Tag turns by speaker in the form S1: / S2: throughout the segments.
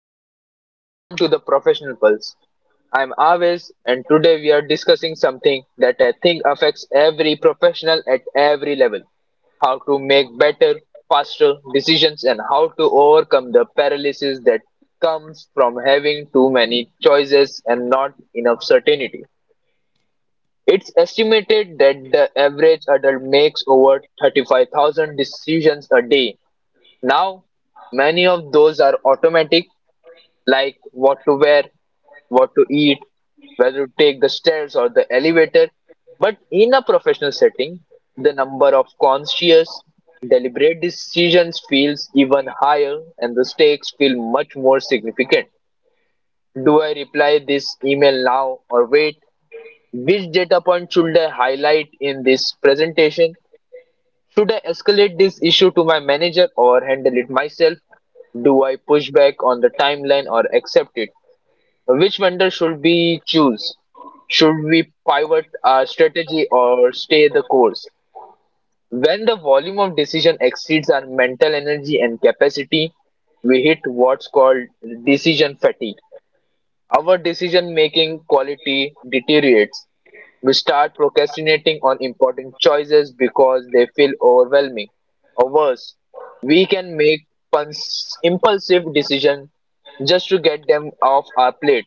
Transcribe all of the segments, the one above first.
S1: Hello and welcome to the Professional Pulse. I'm Aves and today we are discussing something that I think affects every professional at every level. How to make better, faster decisions and how to overcome the paralysis that comes from having too many choices and not enough certainty. It's estimated that the average adult makes over 35,000 decisions a day. Now, many of those are automatic like what to wear, what to eat, whether to take the stairs or the elevator. But in a professional setting, the number of conscious, deliberate decisions feels even higher and the stakes feel much more significant. Do I reply this email now or wait? Which data point should I highlight in this presentation? Should I escalate this issue to my manager or handle it myself? Do I push back on the timeline or accept it? Which vendor should we choose? Should we pivot our strategy or stay the course? When the volume of decision exceeds our mental energy and capacity, we hit what's called decision fatigue. Our decision making quality deteriorates. We start procrastinating on important choices because they feel overwhelming. Or worse, we can make impulsive decisions just to get them off our plate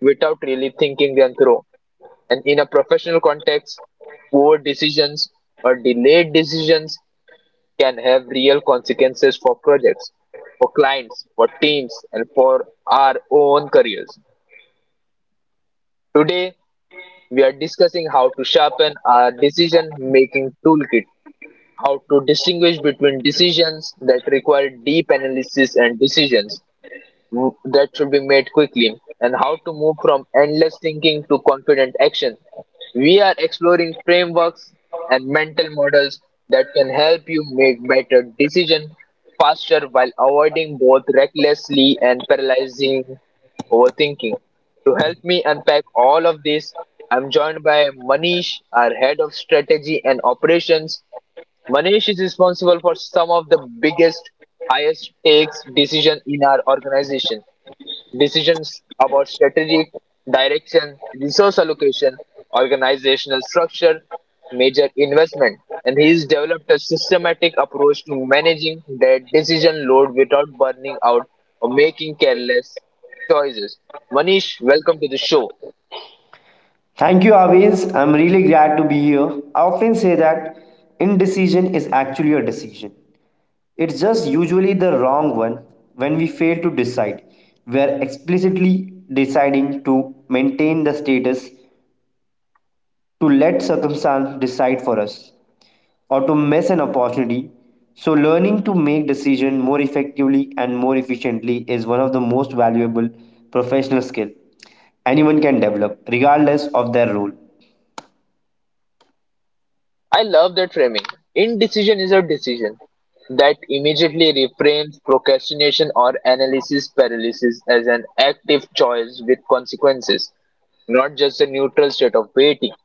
S1: without really thinking them through. And in a professional context, poor decisions or delayed decisions can have real consequences for projects, for clients, for teams, and for our own careers. Today, we are discussing how to sharpen our decision making toolkit, how to distinguish between decisions that require deep analysis and decisions that should be made quickly, and how to move from endless thinking to confident action. We are exploring frameworks and mental models that can help you make better decisions faster while avoiding both recklessly and paralyzing overthinking. To help me unpack all of this, I'm joined by Manish, our head of strategy and operations. Manish is responsible for some of the biggest, highest stakes decisions in our organization. Decisions about strategic direction, resource allocation, organizational structure, major investment. And he's developed a systematic approach to managing that decision load without burning out or making careless choices. Manish, welcome to the show.
S2: Thank you, Aviz. I'm really glad to be here. I often say that indecision is actually a decision. It's just usually the wrong one when we fail to decide. We're explicitly deciding to maintain the status, to let circumstance decide for us, or to miss an opportunity. So learning to make decision more effectively and more efficiently is one of the most valuable professional skill anyone can develop regardless of their role.
S1: I love that framing. Indecision is a decision that immediately reframes procrastination or analysis paralysis as an active choice with consequences, not just a neutral state of waiting.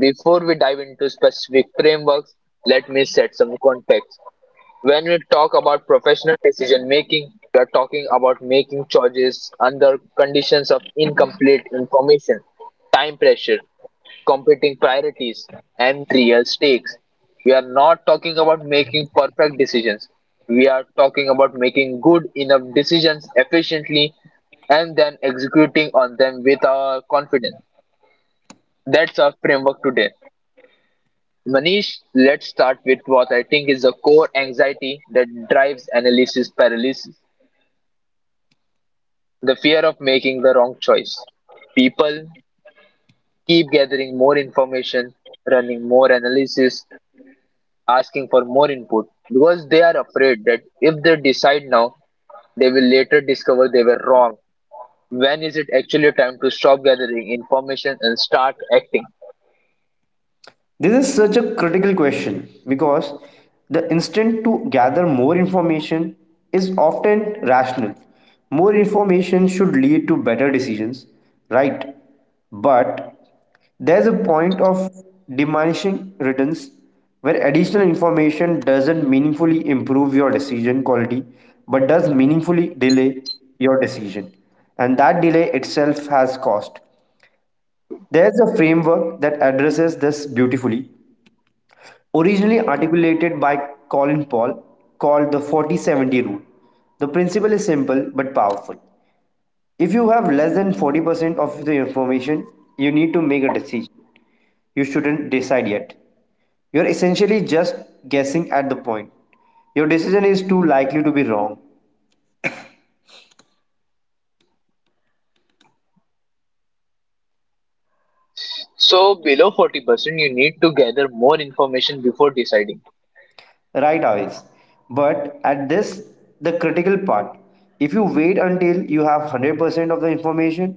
S1: Before we dive into specific frameworks, let me set some context. When we talk about professional decision making, we are talking about making choices under conditions of incomplete information, time pressure, competing priorities, and real stakes. We are not talking about making perfect decisions. We are talking about making good enough decisions efficiently and then executing on them with our confidence. That's our framework today. Manish, let's start with what I think is the core anxiety that drives analysis paralysis, the fear of making the wrong choice. People keep gathering more information, running more analysis, asking for more input because they are afraid that if they decide now, they will later discover they were wrong. When is it actually time to stop gathering information and start acting?
S2: This is such a critical question because the instinct to gather more information is often rational. More information should lead to better decisions, right? But there's a point of diminishing returns where additional information doesn't meaningfully improve your decision quality but does meaningfully delay your decision. And that delay itself has cost. There's a framework that addresses this beautifully, originally articulated by Colin Paul, called the 40-70 rule. The principle is simple but powerful. If you have less than 40% of the information, you need to make a decision. You shouldn't decide yet. You're essentially just guessing at the point. Your decision is too likely to be wrong.
S1: So, below 40%, you need to gather more information before deciding.
S2: Right away. But at this, the critical part. If you wait until you have 100% of the information,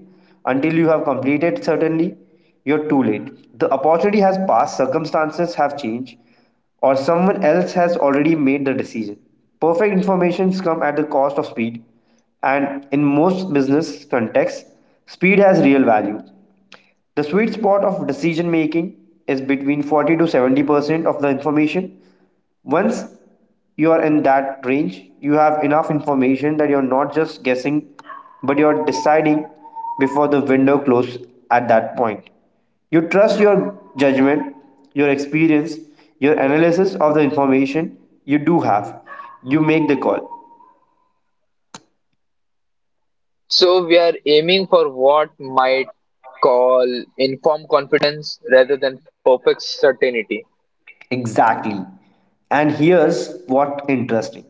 S2: until you have completed certainly, you're too late. The opportunity has passed, circumstances have changed, or someone else has already made the decision. Perfect informations come at the cost of speed, and in most business contexts, speed has real value. The sweet spot of decision making is between 40 to 70% of the information. Once you are in that range, you have enough information that you're not just guessing, but you're deciding before the window closes at that point. You trust your judgment, your experience, your analysis of the information you do have. You make the call.
S1: So, we are aiming for what might call informed confidence rather than perfect certainty.
S2: Exactly. And here's what interesting.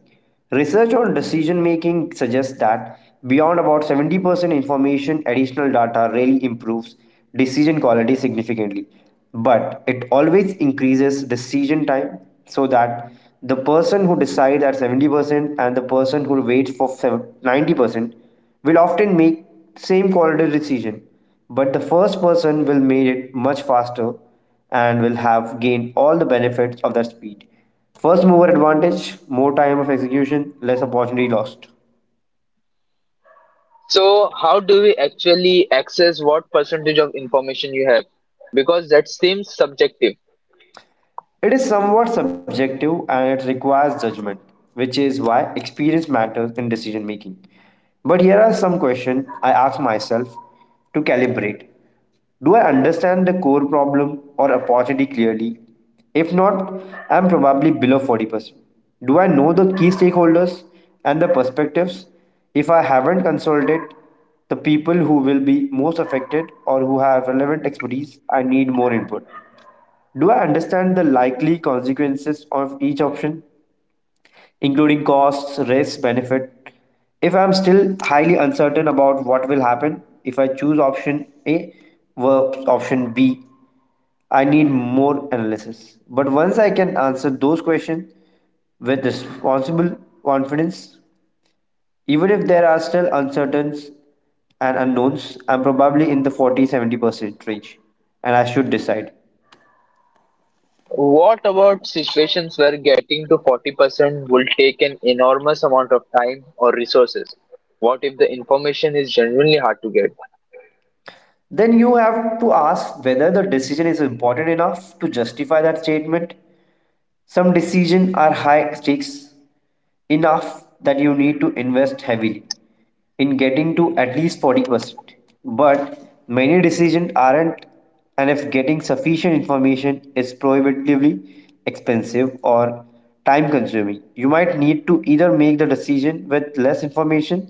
S2: Research on decision making suggests that beyond about 70% information, additional data really improves decision quality significantly. But it always increases decision time, so that the person who decides at 70% and the person who waits for 90% will often make same quality decision, but the first person will make it much faster and will have gained all the benefits of that speed. First mover advantage, more time of execution, less opportunity lost.
S1: So, how do we actually access what percentage of information you have? Because that seems subjective.
S2: It is somewhat subjective and it requires judgment, which is why experience matters in decision making. But here are some questions I ask myself to calibrate. Do I understand the core problem or opportunity clearly? If not, I am probably below 40%. Do I know the key stakeholders and the perspectives? If I haven't consulted the people who will be most affected or who have relevant expertise, I need more input. Do I understand the likely consequences of each option, including costs, risks, benefit? If I am still highly uncertain about what will happen if I choose option A versus option B, I need more analysis. But once I can answer those questions with responsible confidence, even if there are still uncertainties and unknowns, I'm probably in the 40-70% range and I should decide.
S1: What about situations where getting to 40% will take an enormous amount of time or resources? What if the information is genuinely hard to get?
S2: Then you have to ask whether the decision is important enough to justify that statement. Some decisions are high stakes enough that you need to invest heavily in getting to at least 40%. But many decisions aren't, and if getting sufficient information is prohibitively expensive or time consuming, you might need to either make the decision with less information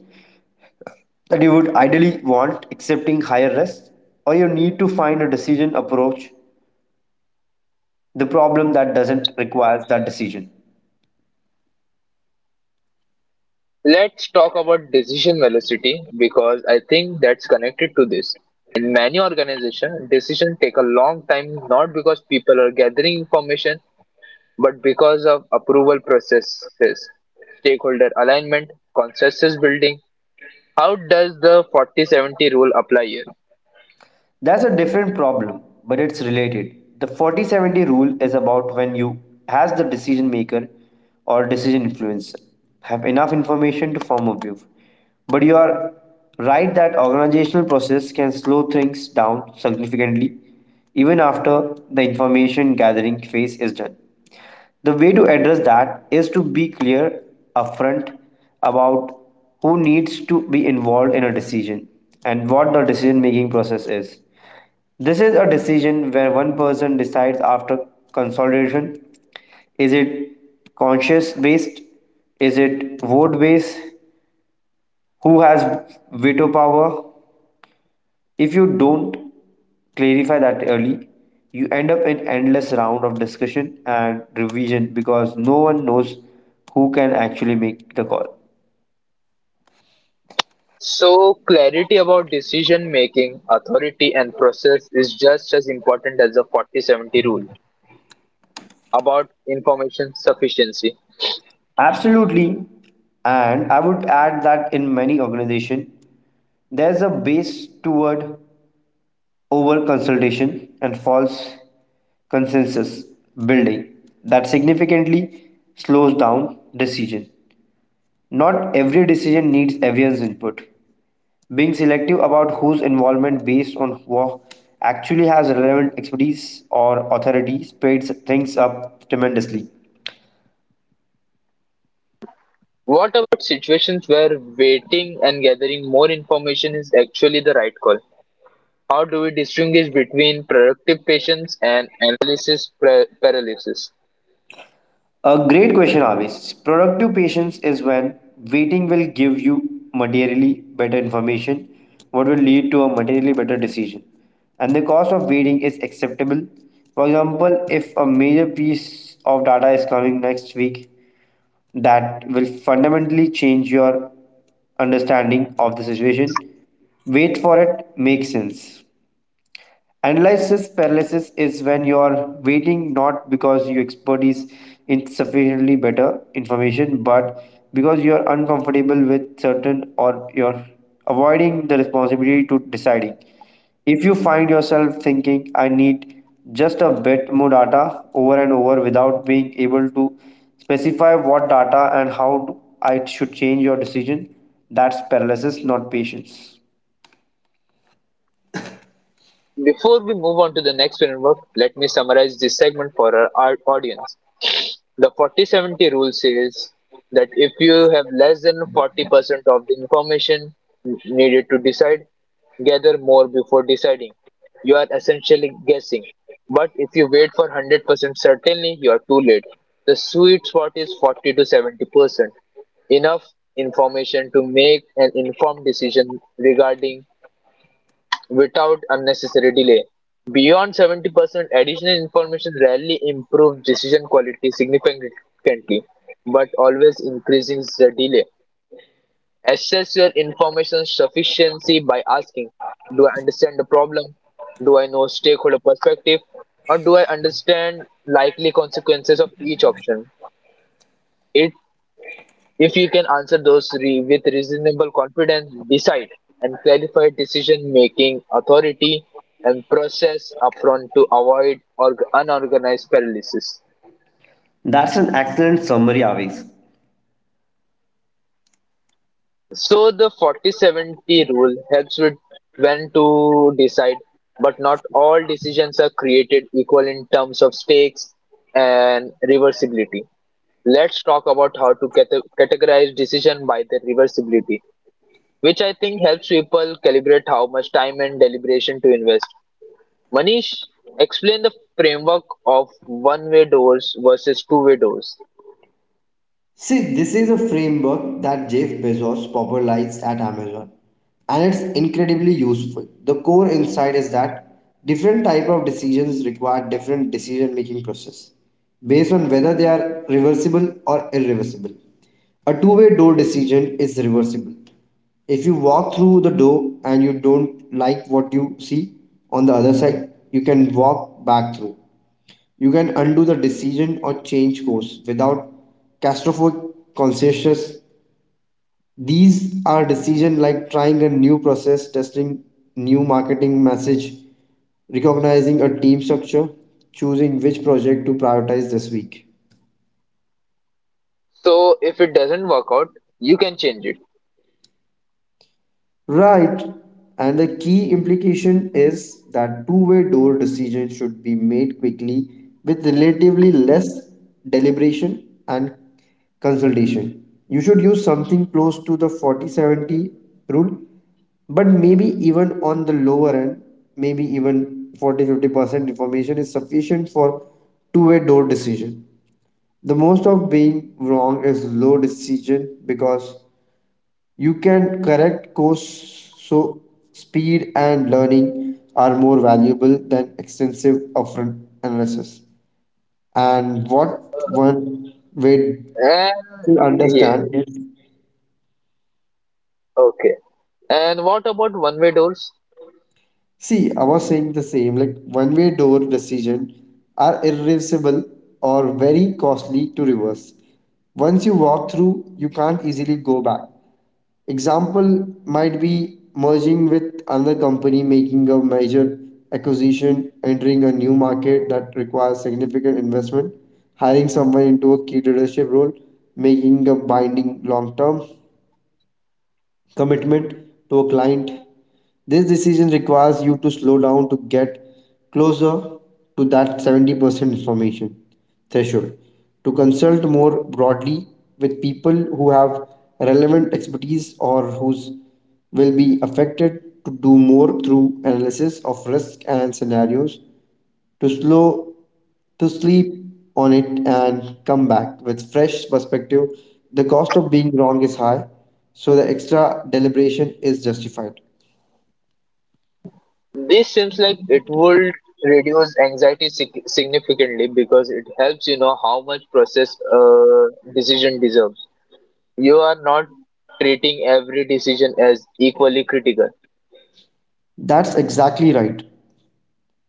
S2: that you would ideally want, accepting higher risk, or you need to find a decision approach the problem that doesn't requires that decision.
S1: Let's talk about decision velocity because I think that's connected to this. In many organizations, decisions take a long time not because people are gathering information but because of approval processes, stakeholder alignment, consensus building. How does the 40-70 rule apply here?
S2: That's a different problem, but it's related. The 40-70 rule is about when you as the decision maker or decision influencer have enough information to form a view, but you are right that organizational process can slow things down significantly even after the information gathering phase is done. The way to address that is to be clear upfront about who needs to be involved in a decision and what the decision making process is. This is a decision where one person decides after consolidation. Is it conscious based? Is it vote based? Who has veto power? If you don't clarify that early, you end up in endless round of discussion and revision because no one knows who can actually make the call.
S1: So, clarity about decision making, authority, and process is just as important as the 40-70 rule about information sufficiency.
S2: Absolutely. And I would add that in many organizations, there's a base toward over consultation and false consensus building that significantly slows down decision. Not every decision needs everyone's input. Being selective about whose involvement based on who actually has relevant expertise or authority speeds things up tremendously.
S1: What about situations where waiting and gathering more information is actually the right call? How do we distinguish between productive patience and analysis paralysis?
S2: A great question always. Productive patience is when waiting will give you materially better information, what will lead to a materially better decision. And the cost of waiting is acceptable. For example, if a major piece of data is coming next week, that will fundamentally change your understanding of the situation. Wait for it, make sense. Analysis paralysis is when you are waiting not because your expertise is sufficiently better information, but because you are uncomfortable with certain or you're avoiding the responsibility to deciding. If you find yourself thinking, I need just a bit more data over and over without being able to specify what data and how I should change your decision, that's paralysis, not patience.
S1: Before we move on to the next framework, let me summarize this segment for our audience. The 40-70 rule says that if you have less than 40% of the information needed to decide, gather more before deciding. You are essentially guessing. But if you wait for 100% certainty, you are too late. The sweet spot is 40 to 70%. Enough information to make an informed decision regarding without unnecessary delay. Beyond 70%, additional information rarely improves decision quality significantly, but always increases the delay. Assess your information sufficiency by asking: Do I understand the problem? Do I know stakeholder perspective? Or do I understand likely consequences of each option? It If you can answer those with reasonable confidence, decide, and clarify decision making authority and process upfront to avoid unorganized paralysis.
S2: That's an excellent summary, Avis.
S1: So the 40-70 rule helps with when to decide, but not all decisions are created equal in terms of stakes and reversibility. Let's talk about how to categorize decision by the reversibility, which I think helps people calibrate how much time and deliberation to invest. Manish, explain the framework of one way doors versus two-way doors.
S2: Framework that Jeff Bezos popularized at Amazon, and it's incredibly useful. The core insight is that different type of decisions require different decision making process based on whether they are reversible or irreversible. A two-way door decision is reversible. If you walk through the door and you don't like what you see on the other side, you can walk back through. You can undo the decision or change course without catastrophic consequences. These are decisions like trying a new process, testing new marketing message, recognizing a team structure, choosing which project to prioritize this week.
S1: So, if it doesn't work out, you can change it.
S2: Right. And the key implication is that two-way door decisions should be made quickly with relatively less deliberation and consultation. You should use something close to the 40-70 rule, but maybe even on the lower end, maybe even 40-50% information is sufficient for two-way door decision. The most of being wrong is low decision because you can correct course. So speed and learning are more valuable than extensive upfront analysis. And what one way
S1: And
S2: to
S1: yeah,
S2: understand is,
S1: okay. And what about one way doors?
S2: see, I was saying the same, like one-way door decision are irreversible or very costly to reverse. Once you walk through, you can't easily go back. Example might be merging with another company, making a major acquisition, entering a new market that requires significant investment, hiring someone into a key leadership role, making a binding long term commitment to a client. This decision requires you to slow down, to get closer to that 70% information threshold, to consult more broadly with people who have relevant expertise or whose will be affected, to do more through analysis of risk and scenarios, to slow, to sleep on it and come back with fresh perspective. The cost of being wrong is high, so the extra deliberation is justified.
S1: This seems like it would reduce anxiety significantly because it helps you know how much process a decision deserves. You are not treating every decision as equally critical.
S2: That's exactly right.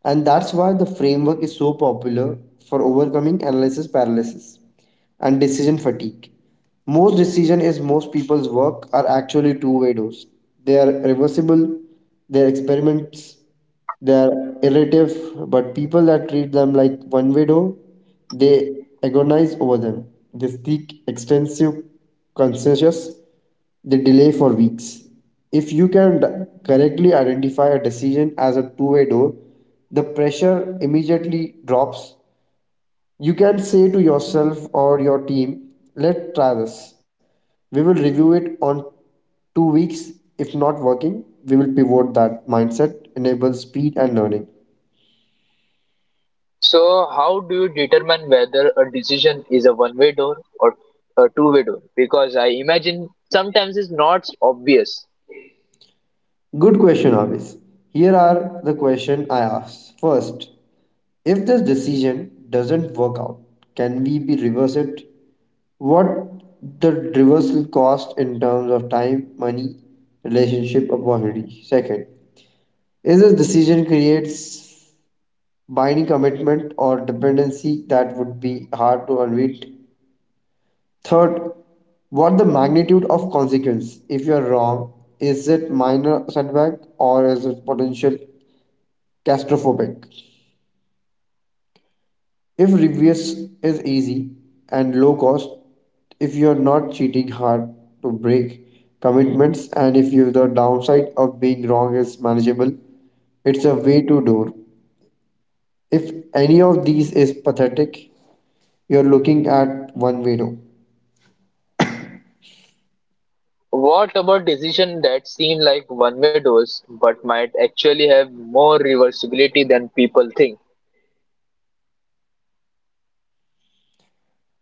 S2: And that's why the framework is so popular for overcoming analysis paralysis and decision fatigue. Most decision is most people's work are actually two-way doors. They are reversible, they are experiments, they are iterative, but people that treat them like one-way door, they agonize over them. They seek extensive consensus, they delay for weeks. If you can correctly identify a decision as a two-way door, the pressure immediately drops. You can say to yourself or your team, let's try this. We will review it on 2 weeks. If not working, we will pivot. That mindset enables speed and learning.
S1: So, how do you determine whether a decision is a one way door or a two-way door? Because I imagine sometimes it's not obvious.
S2: Good question, Avis. Here are the questions I asked. First, if this decision doesn't work out, can we be reverse it? What the reversal cost in terms of time, money, relationship, opportunity? Second, is this decision creates binding commitment or dependency that would be hard to unwind. Third, what the magnitude of consequence if you are wrong? Is it minor setback or is it potential catastrophic? If reverse is easy and low cost, if you are not cheating hard to break commitments, and if you the downside of being wrong is manageable, it's a way to door. If any of these is pathetic, you're looking at one window.
S1: What about decisions that seem like one way doors but might actually have more reversibility than people think?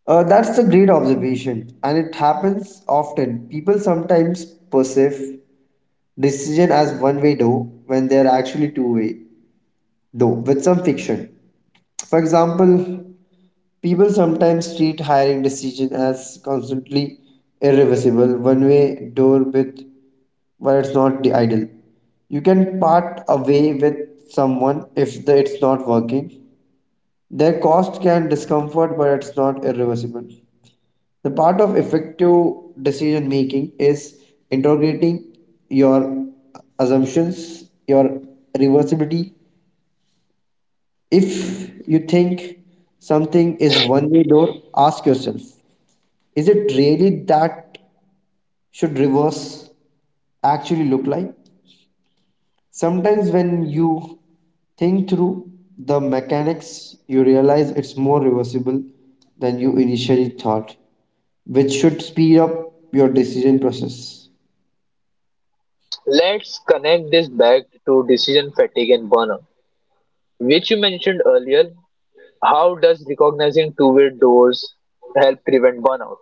S2: That's a great observation, and it happens often. People sometimes perceive decision as one way though when they are actually two-way though with some fiction. For example, people sometimes treat hiring decision as constantly irreversible, one way door with, but it's not the ideal. You can part away with someone if the, it's not working. Their cost can discomfort, but it's not irreversible. The part of effective decision making is interrogating your assumptions, your reversibility. If you think something is one way door, ask yourself, is it really that should reverse actually look like? Sometimes when you think through the mechanics, you realize it's more reversible than you initially thought, which should speed up your decision process.
S1: Let's connect this back to decision fatigue and burnout, which you mentioned earlier. How does recognizing two-way doors help prevent burnout?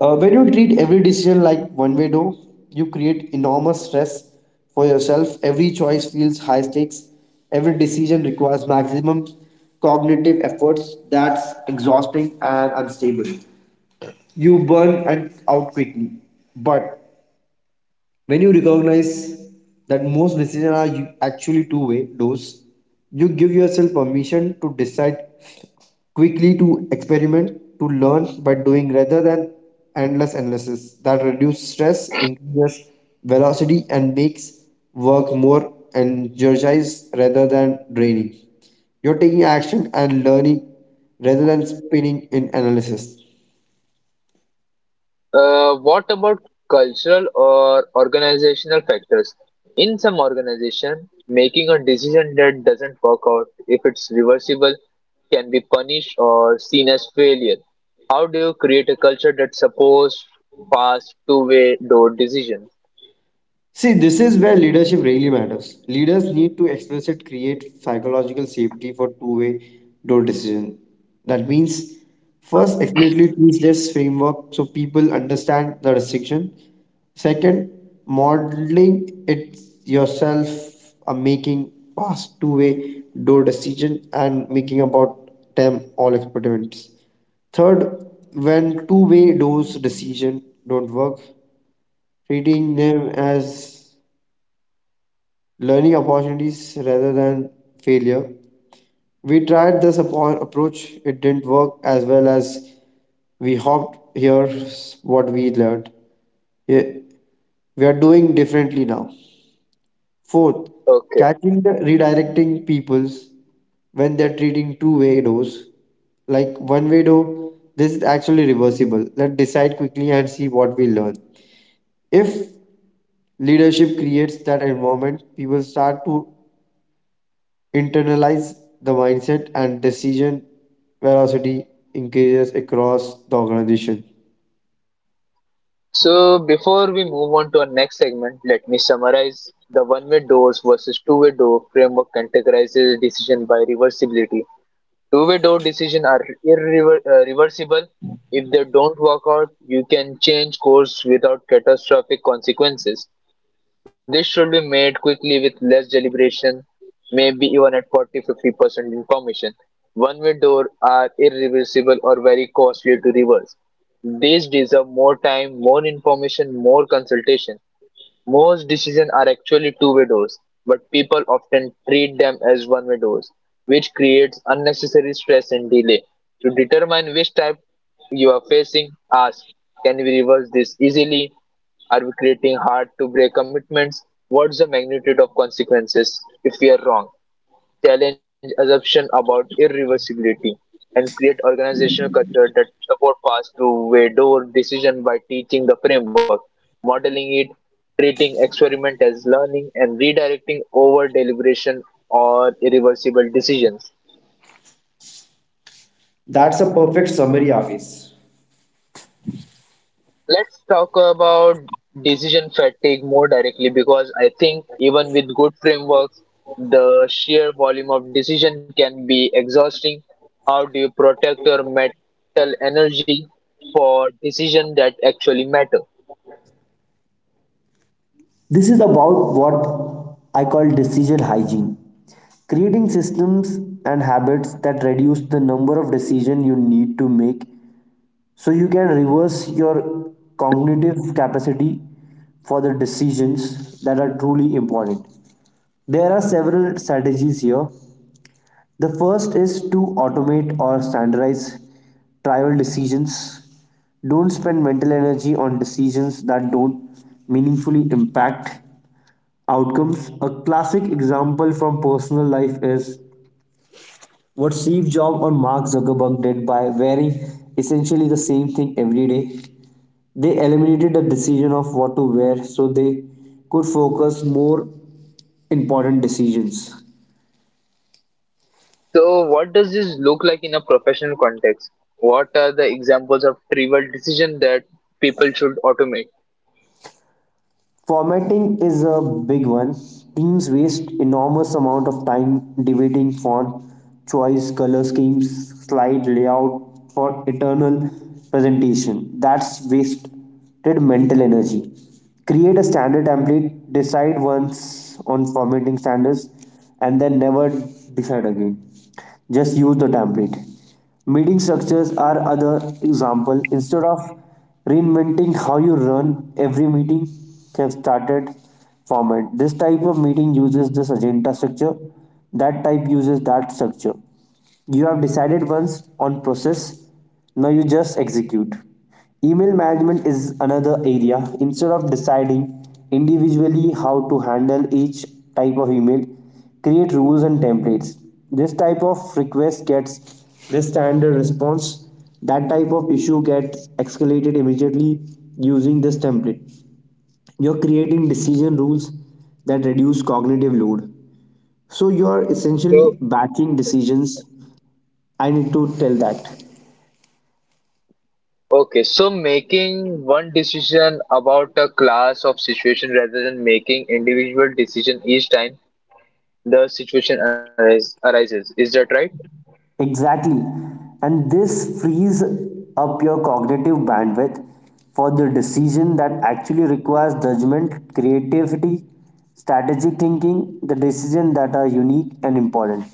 S2: When you treat every decision like one way door, you create enormous stress for yourself. Every choice feels high stakes. Every decision requires maximum cognitive efforts. That's exhausting and unstable. You burn and out quickly. But when you recognize that most decisions are actually two-way doors, you give yourself permission to decide quickly, to experiment, to learn by doing rather than endless analysis. That reduces stress, increases velocity, and makes work more energized rather than draining. You're taking action and learning rather than spinning in analysis.
S1: What about cultural or organizational factors? In some organization, making a decision that doesn't work out, if it's reversible, can be punished or seen as failure. How do you create a culture that supports fast two-way door decisions?
S2: See, this is where leadership really matters. Leaders need to explicitly create psychological safety for two-way door decision. That means, first, explicitly teach this framework so people understand the distinction. Second, modeling it yourself, making past two-way door decision and making about them all experiments. Third, when two-way doors decision don't work, treating them as learning opportunities rather than failure. We tried this approach, it didn't work as well as we hoped. Here's what we learned. Yeah, we are doing differently now. Fourth,
S1: Okay.
S2: catching the redirecting peoples when they're treating two-way doors. Like one way door, this is actually reversible. Let's decide quickly and see what we learn. If leadership creates that environment, people start to internalize the mindset, and decision velocity increases across the organization.
S1: So before we move on to our next segment, let me summarize: the one-way doors versus two-way door framework categorizes decision by reversibility. Two-way-door decisions are irreversible. If they don't work out, you can change course without catastrophic consequences. This should be made quickly with less deliberation, maybe even at 40-50% information. One-way door are irreversible or very costly to reverse. These deserve more time, more information, more consultation. Most decisions are actually two-way doors, but people often treat them as one-way doors, which creates unnecessary stress and delay. To determine which type you are facing, ask, can we reverse this easily? Are we creating hard to break commitments? What's the magnitude of consequences if we are wrong? Challenge assumptions about irreversibility, and create organizational culture that support paths to door decision by teaching the framework, modeling it, treating experiment as learning, and redirecting over deliberation or irreversible decisions.
S2: That's a perfect summary, Hafiz.
S1: Let's talk about decision fatigue more directly because I think even with good frameworks, the sheer volume of decision can be exhausting. How do you protect your mental energy for decisions that actually matter?
S2: This is about what I call decision hygiene. Creating systems and habits that reduce the number of decisions you need to make, so you can reverse your cognitive capacity for the decisions that are truly important. There are several strategies here. The first is to automate or standardize trivial decisions. Don't spend mental energy on decisions that don't meaningfully impact outcomes. A classic example from personal life is what Steve Jobs or Mark Zuckerberg did by wearing essentially the same thing every day. They eliminated the decision of what to wear so they could focus more important decisions.
S1: So, what does this look like in a professional context? What are the examples of trivial decision that people should automate?
S2: Formatting is a big one. Teams waste enormous amount of time debating font choice, color schemes, slide layout for eternal presentation. That's wasted mental energy. Create a standard template, decide once on formatting standards, and then never decide again, just use the template. Meeting structures are other example. Instead of reinventing how you run every meeting, have started format. This type of meeting uses this agenda structure, that type uses that structure. You have decided once on process, now you just execute. Email management is another area. Instead of deciding individually how to handle each type of email, create rules and templates. This type of request gets this standard response. That type of issue gets escalated immediately using this template. You're creating decision rules that reduce cognitive load. So you are
S1: So,
S2: essentially batching decisions. I need to tell that.
S1: okay, so making one decision about a class of situation rather than making individual decision each time the arises. Is that right?
S2: Exactly. And this frees up your cognitive bandwidth for the decision that actually requires judgment, creativity, strategic thinking, the decisions that are unique and important.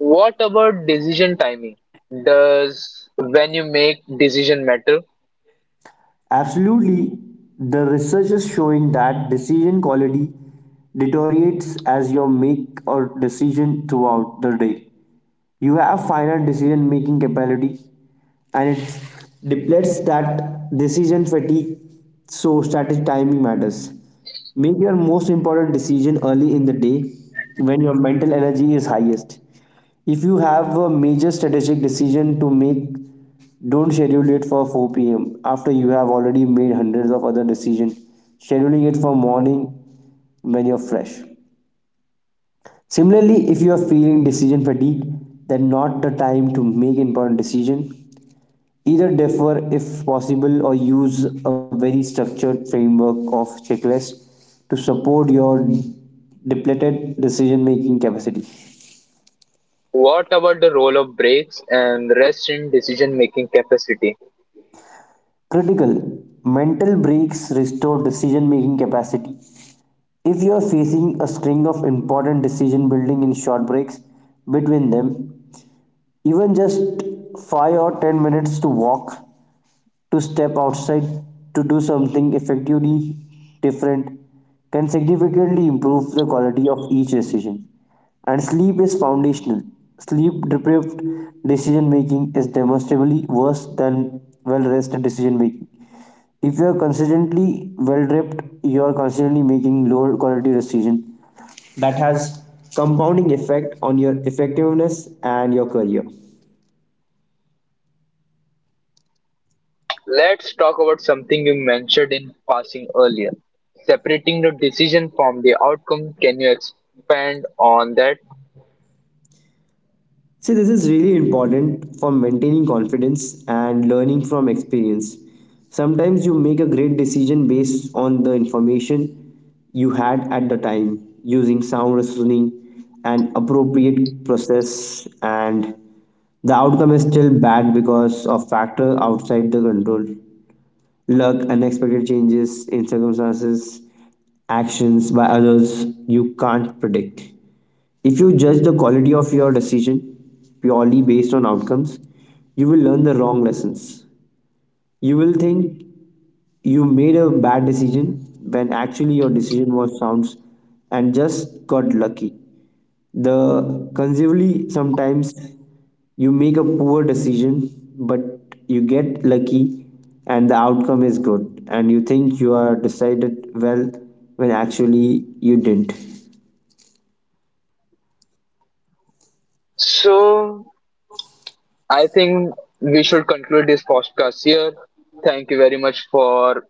S1: What about decision timing? Does when you make decision matter?
S2: Absolutely, the research is showing that decision quality deteriorates as you make a decision throughout the day. You have finite decision making capability, and it depletes, that decision fatigue, so strategic timing matters. Make your most important decision early in the day when your mental energy is highest. If you have a major strategic decision to make, don't schedule it for 4 p.m. after you have already made hundreds of other decisions. Scheduling it for morning when you're fresh. Similarly, if you are feeling decision fatigue, then not the time to make important decision. Either defer if possible, or use a very structured framework of checklist to support your depleted decision making capacity.
S1: What about the role of breaks and rest in decision making capacity?
S2: Critical mental breaks restore decision making capacity. If you are facing a string of important decision, building in short breaks between them, even just 5 or 10 minutes to walk, to step outside, to do something effectively different, can significantly improve the quality of each decision. And sleep is foundational. Sleep deprived decision making is demonstrably worse than well rested decision making. If you're consistently well dripped, you're constantly making lower quality decision. That has compounding effect on your effectiveness and your career.
S1: Let's talk about something you mentioned in passing earlier. Separating the decision from the outcome. Can you expand on that?
S2: See, this is really important for maintaining confidence and learning from experience. Sometimes you make a great decision based on the information you had at the time, using sound reasoning and appropriate process, and the outcome is still bad because of factors outside the control. Luck, unexpected changes in circumstances, actions by others you can't predict. If you judge the quality of your decision purely based on outcomes, you will learn the wrong lessons. You will think you made a bad decision when actually your decision was sounds and just got lucky. The conceivably, sometimes you make a poor decision but you get lucky and the outcome is good, and you think you are decided well when actually you didn't.
S1: So I think we should conclude this podcast here. Thank you very much for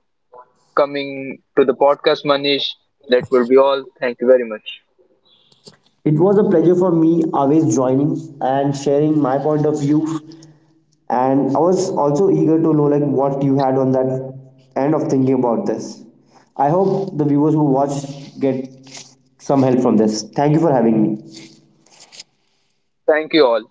S1: coming to the podcast, Manish. That will be all. Thank you very much.
S2: It was a pleasure for me, always joining and sharing my point of view. And I was also eager to know like what you had on that end of thinking about this. I hope the viewers who watch get some help from this. Thank you for having me.
S1: Thank you all.